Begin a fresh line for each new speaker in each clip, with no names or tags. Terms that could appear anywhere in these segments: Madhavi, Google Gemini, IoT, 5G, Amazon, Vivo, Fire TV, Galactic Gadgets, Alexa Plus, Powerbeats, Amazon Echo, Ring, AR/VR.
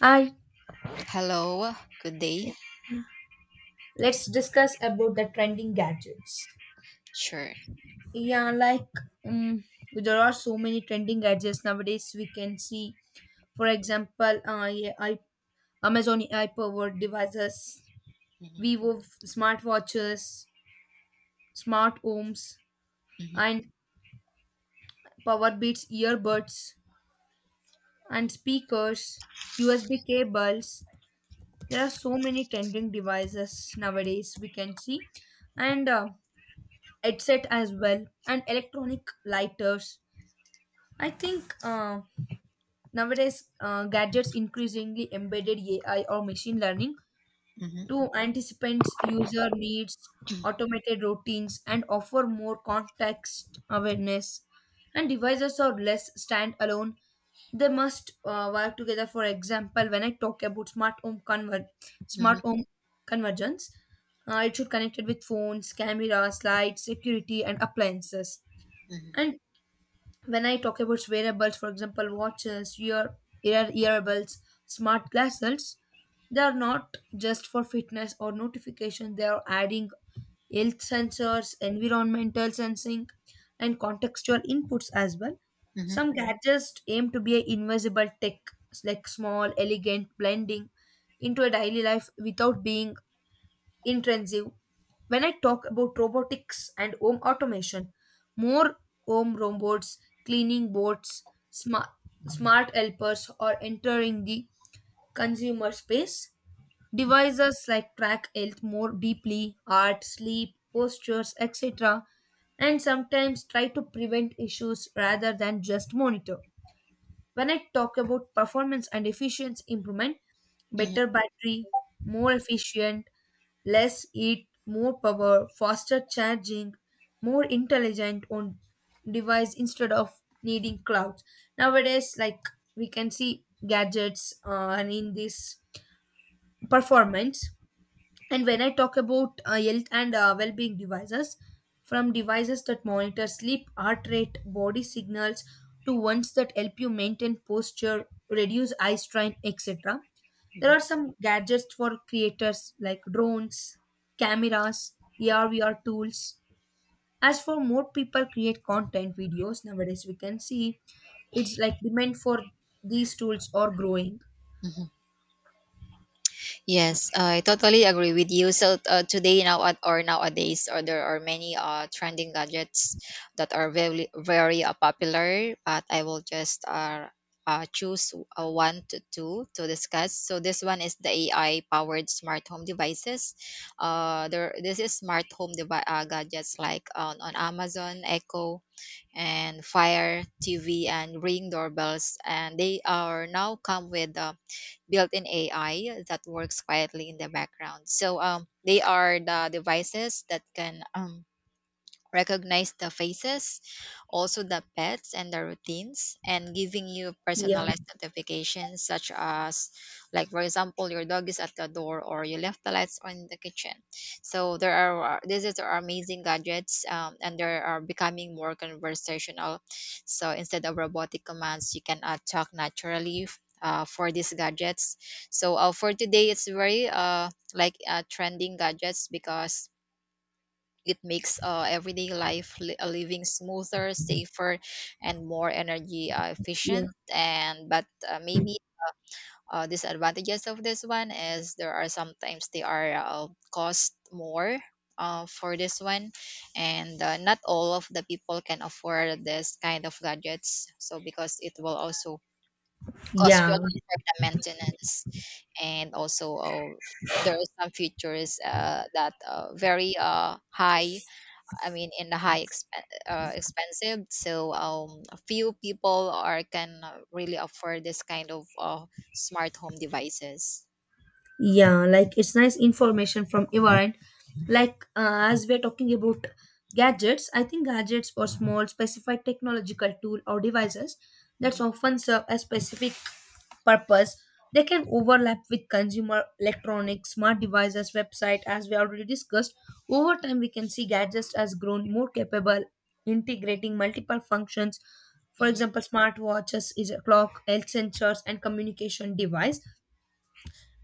Hi,
Hello, good day.
let's discuss about the trending gadgets.
Sure.
Yeah, like um, there are so many trending gadgets nowadays. We can see, for example, Amazon ai devices,
Mhm.
Smartwatches, smart homes,
Mhm.
and Powerbeats earbuds and speakers, USB cables. There are so many trending devices nowadays. We can see, and headset as well and electronic lighters. I think Nowadays, gadgets increasingly embedded ai or machine learning
Mhm.
to anticipate user needs, automated routines and offer more context awareness, and devices are less standalone. They must work together. For example, when I talk about
Mhm.
smart home convergence, it should connected with phones, cameras, lights, security and appliances. And when I talk about wearables, for example, watches, earbuds, smart glasses, they are not just for fitness or notification. They are adding health sensors, environmental sensing, and contextual inputs as well.
Mhm.
Some gadgets aim to be a invisible tech, like small, elegant, blending into a daily life without being intrusive. When I talk about robotics and home automation, more home robots, cleaning bots, smart, smart helpers are entering the consumer space. Devices like track health more deeply, heart, sleep, postures, etc., and sometimes try to prevent issues rather than just monitor. When I talk about performance and efficiency improvement,
Mhm. Mhm.
better battery, more efficient, less heat, more power, faster charging, more intelligent on device instead of needing clouds. Nowadays, like, we can see gadgets and in this performance. And when I talk about health and well-being devices, from devices that monitor sleep, heart rate, body signals, to ones that help you maintain posture, reduce eye strain, etc. There
Mhm.
are some gadgets for creators like drones, cameras, AR/VR tools. As for more people create content videos nowadays, we can see it's like demand for these tools are growing.
Mhm. Yes, I totally agree with you. So today nowadays, or there are many trending gadgets that are very popular. But I will just choose one to two to discuss. So this one is the AI powered smart home devices. There This is smart home gadgets like on Amazon Echo and Fire TV and Ring doorbells, and they are now come with. Built-in AI that works quietly in the background. So they are the devices that can recognize the faces, also the pets and the routines, and giving you
Yeah,
personalized notifications such as, like for example, your dog is at the door or you left the lights on in the kitchen. So there are this is our amazing gadgets, and they are becoming more conversational. So instead of robotic commands, you can talk naturally for these gadgets. For today it's very trending gadgets because it makes everyday living smoother, safer, and more energy
yeah,
efficient. And but uh, maybe disadvantages of this one is there are sometimes they are cost more for this one, and not all of the people can afford this kind of gadgets, so because it will also cost you a
yeah.
lot for the maintenance. And also there are some features that very high, I mean, in the high, expensive. So few people are can really afford this kind of smart home devices.
Yeah, like it's nice information from your end. Like as we're talking about gadgets, I think gadgets or small specified technological tool or devices that
Mhm.
often serve a specific purpose. They can overlap with consumer electronics, smart devices, website, as we already discussed. Over time, we can see gadgets as grown more capable, integrating multiple functions. For
Mhm.
example, smartwatches is a clock, health sensors, and communication device.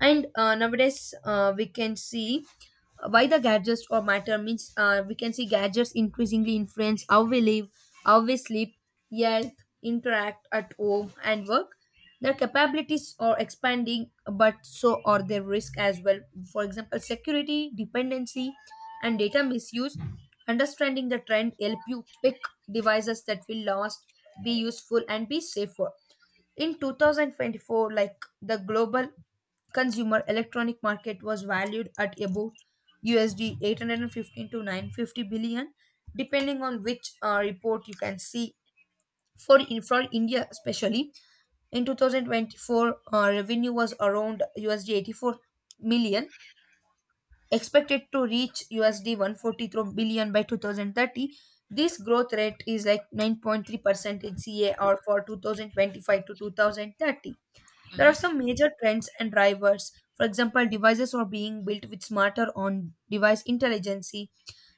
And Nowadays, we can see why the gadgets or matter means, we can see gadgets increasingly influence how we live, how we sleep, health, interact at home and work. Their capabilities are expanding, but so are their risk as well. For example, security, dependency and data misuse. Understanding the trend help you pick devices that will last, be useful and be safer. In 2024, like, the global consumer electronic market was valued at about USD 815 to 950 billion, depending on which report you can see. For India, especially in 2024, revenue was around USD 84 million, expected to reach USD 143 billion by 2030. This growth rate is like 9.3% in CA or for 2025 to 2030. There are
Mhm.
some major trends and drivers. For example, devices are being built with smarter on device intelligence.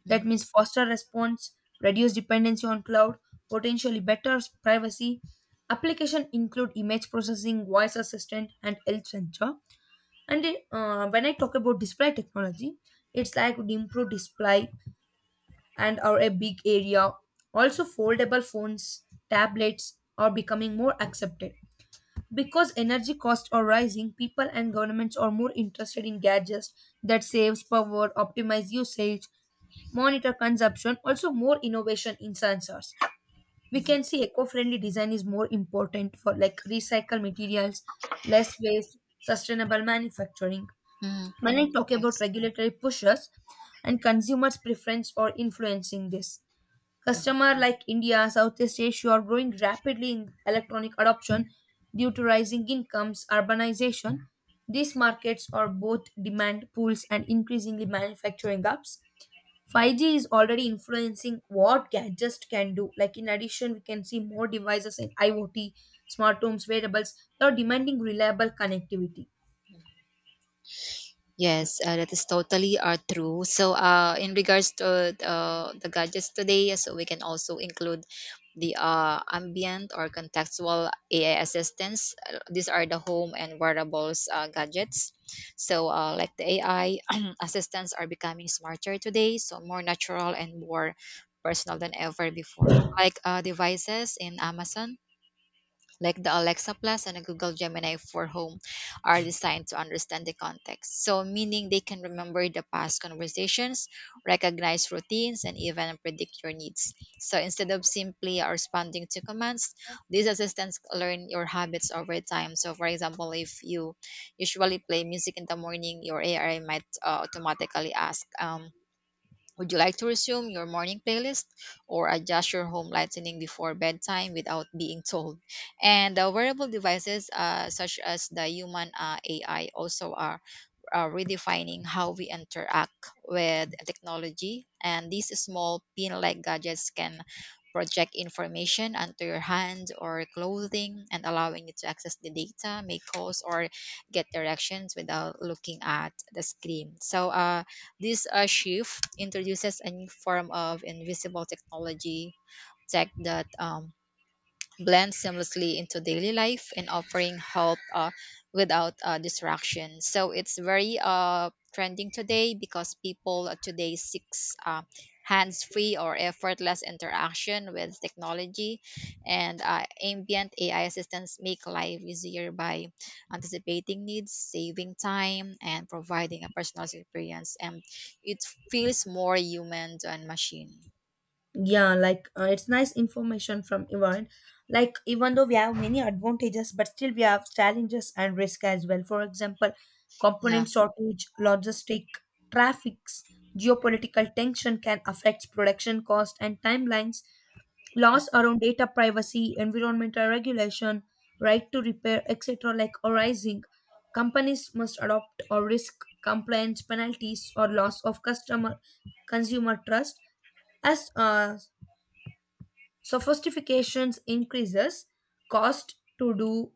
Mhm.
That means faster response, reduced dependency on cloud, potentially better privacy. Application include image processing, voice assistant, and health sensor. And When I talk about display technology, it's like improved display and are a big area. Also, foldable phones, tablets are becoming more accepted. Because energy costs are rising, people and governments are more interested in gadgets that saves power, optimize usage, monitor consumption, also more innovation in sensors. We
Mhm.
can see eco-friendly design is more important for like recycle materials, less waste, sustainable manufacturing.
Mhm.
When I talk about
Yes.
regulatory pushes and consumers' preference or influencing this,
Mhm.
customer like India, Southeast Asia are growing rapidly in electronic adoption due to rising incomes, urbanization. These markets are both demand pools and increasingly manufacturing hubs. 5G is already influencing what gadgets can do. Like in addition, we can see more devices in IoT, smart homes, wearables that are demanding reliable connectivity.
Mhm. Yes, that is totally true. So in regards to the gadgets today, so we can also include the ambient or contextual AI assistants. These are the home and wearables gadgets. So, like the AI assistants are becoming smarter today, so more natural and more personal than ever before. Like devices in Amazon, like the Alexa Plus and the Google Gemini for Home, are designed to understand the context. So, meaning they can remember the past conversations, recognize routines, and even predict your needs. So, instead of simply responding to commands, these assistants learn your habits over time. So, for example, if you usually play music in the morning, your AI might automatically ask, would you like to resume your morning playlist or adjust your home lighting before bedtime without being told? And wearable devices, such as the human AI, also are redefining how we interact with technology. And these small pin like gadgets can project information onto your hand or clothing and allowing you to access the data, make calls, or get directions without looking at the screen. So, this shift introduces a new form of invisible technology tech that blend seamlessly into daily life and offering help without distraction. So it's very trending today because people today seeks hands-free or effortless interaction with technology, and ambient AI assistants make life easier by anticipating needs, saving time, and providing a personalized experience. And it feels more human than machine.
Yeah, like it's nice information from Ivan. Like, even though we have many advantages, but still we have challenges and risk as well. For example,
Yeah.
component shortage, logistic, traffics, geopolitical tension can affect production cost and timelines. Laws around data privacy, environmental regulation, right to repair, etc., like arising, companies must adopt or risk compliance penalties or loss of customer consumer trust. As sophistications increases, cost to do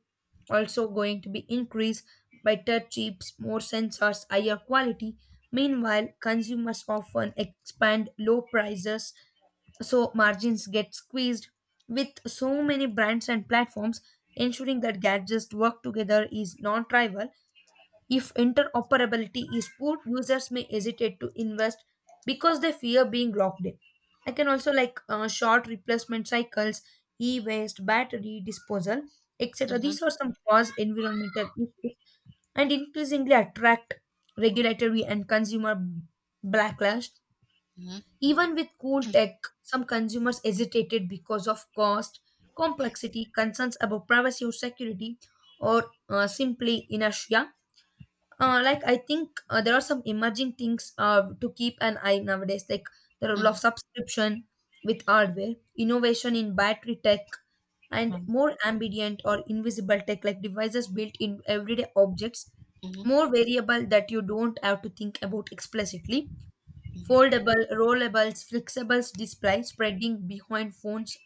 also going to be increased. Better chips, more sensors, higher quality. Meanwhile, consumers often expand low prices, so margins get squeezed. With so many brands and platforms, ensuring that gadgets work together is non-trivial. If interoperability is poor, users may hesitate to invest because they fear being locked in. I can also like, short replacement cycles, e waste, battery disposal, etc.
Mm-hmm.
These are some cause environmental issues and increasingly attract regulatory and consumer backlash.
Mm-hmm.
Even with cool tech, some consumers hesitated because of cost, complexity, concerns about privacy or security, or simply inertia. I think there are some emerging things to keep an eye nowadays, like the role
Mm-hmm.
of subscription with hardware, innovation in battery tech, and
Mm-hmm.
more ambient or invisible tech like devices built in everyday objects,
Mm-hmm.
more variable that you don't have to think about explicitly.
Mm-hmm.
Foldable, rollables, flexible display spreading behind phones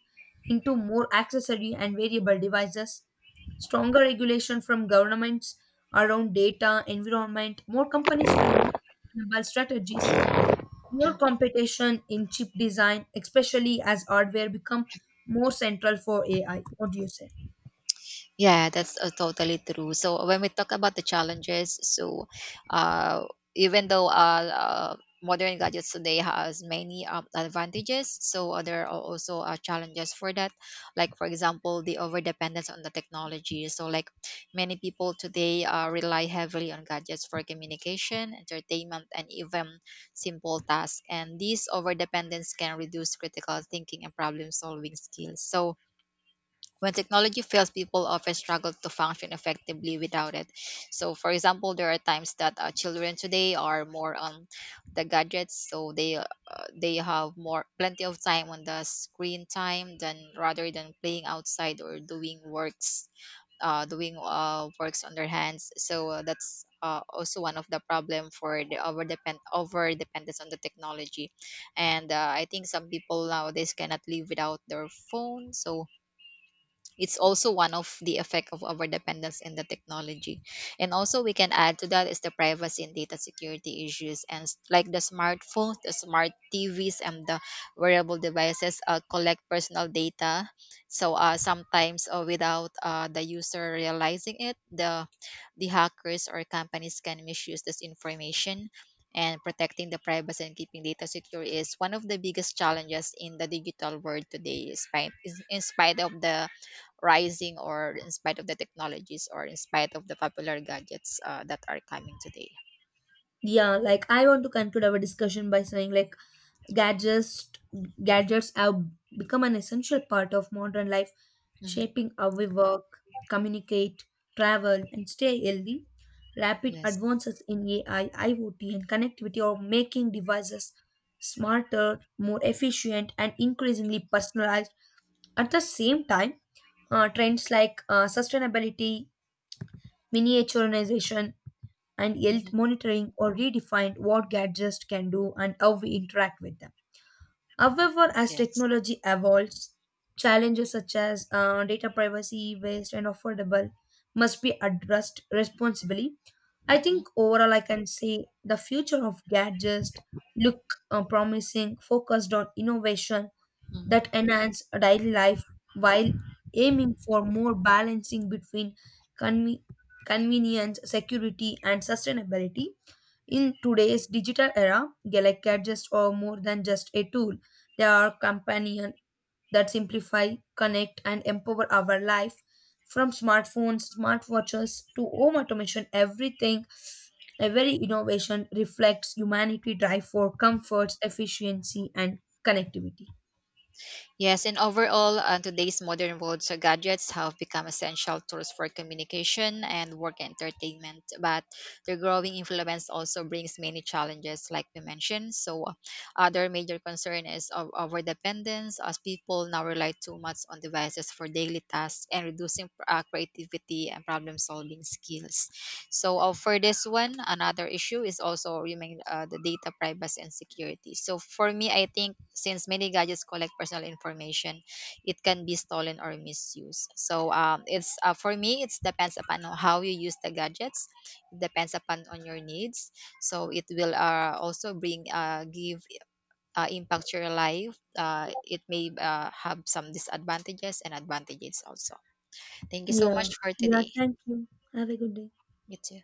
into more accessory and variable devices, stronger regulation from governments around data, environment, more companies will need sustainable strategies, more competition in chip design, especially as hardware become more central for AI. What do you say?
Yeah, that's totally true. So when we talk about the challenges, so uh, even though modern gadgets today has many advantages, so there are also challenges for that. Like for example, the over dependence on the technology. So like many people today rely heavily on gadgets for communication, entertainment, and even simple tasks. And this over dependence can reduce critical thinking and problem solving skills. So when technology fails, people often struggle to function effectively without it. So, for example, there are times that children today are more on the gadgets, so they have more plenty of time on the screen time than rather than playing outside or doing works, doing works on their hands. So that's also one of the problem for the over dependence on the technology, and I think some people nowadays cannot live without their phone. So it's also one of the effect of our dependence in the technology. And also we can add to that is the privacy and data security issues and like the smartphones, the smart TVs, and the wearable devices collect personal data, so sometimes without the user realizing it, the hackers or companies can misuse this information. And protecting the privacy and keeping data secure is one of the biggest challenges in the digital world today, despite in spite of the rising, or in spite of the technologies, or in spite of the popular gadgets that are coming today.
Yeah, like, I want to conclude our discussion by saying, like, gadgets gadgets have become an essential part of modern life,
Mhm.
shaping how we work, communicate, travel and stay healthy. Rapid
Yes.
advances in ai, iot and connectivity are making devices smarter, more efficient and increasingly personalized. At the same time, trends like sustainability, miniaturization and health
Hmm.
monitoring or redefined what gadgets can do and how we interact with them. However, as
Yes.
technology evolves, challenges such as data privacy, waste, and affordable must be addressed responsibly. I think overall, I can say the future of gadgets look promising, focused on innovation that
Hmm.
enhance daily life while aiming for more balancing between conve- convenience, security, and sustainability. In today's digital era, Galactic Gadgets are more than just a tool. They are companion that simplify, connect, and empower our life. From smartphones, smartwatches to home automation, everything, every innovation reflects humanity drive for comforts, efficiency, and connectivity.
Yes, and overall, today's modern world, so gadgets have become essential tools for communication and work entertainment. But their growing influence also brings many challenges, like we mentioned. So, other major concern is of over dependence, as people now rely too much on devices for daily tasks and reducing creativity and problem solving skills. So, for this one, another issue is also remain the data privacy and security. So, for me, I think since many gadgets collect personal information, it can be stolen or misused. So it's For me, it depends upon how you use the gadgets, it depends upon on your needs. So it will also bring give impact to your life. It may have some disadvantages and advantages also. Thank you so
Yeah.
much for
Yeah,
today.
thank you. Have a good day.
You too.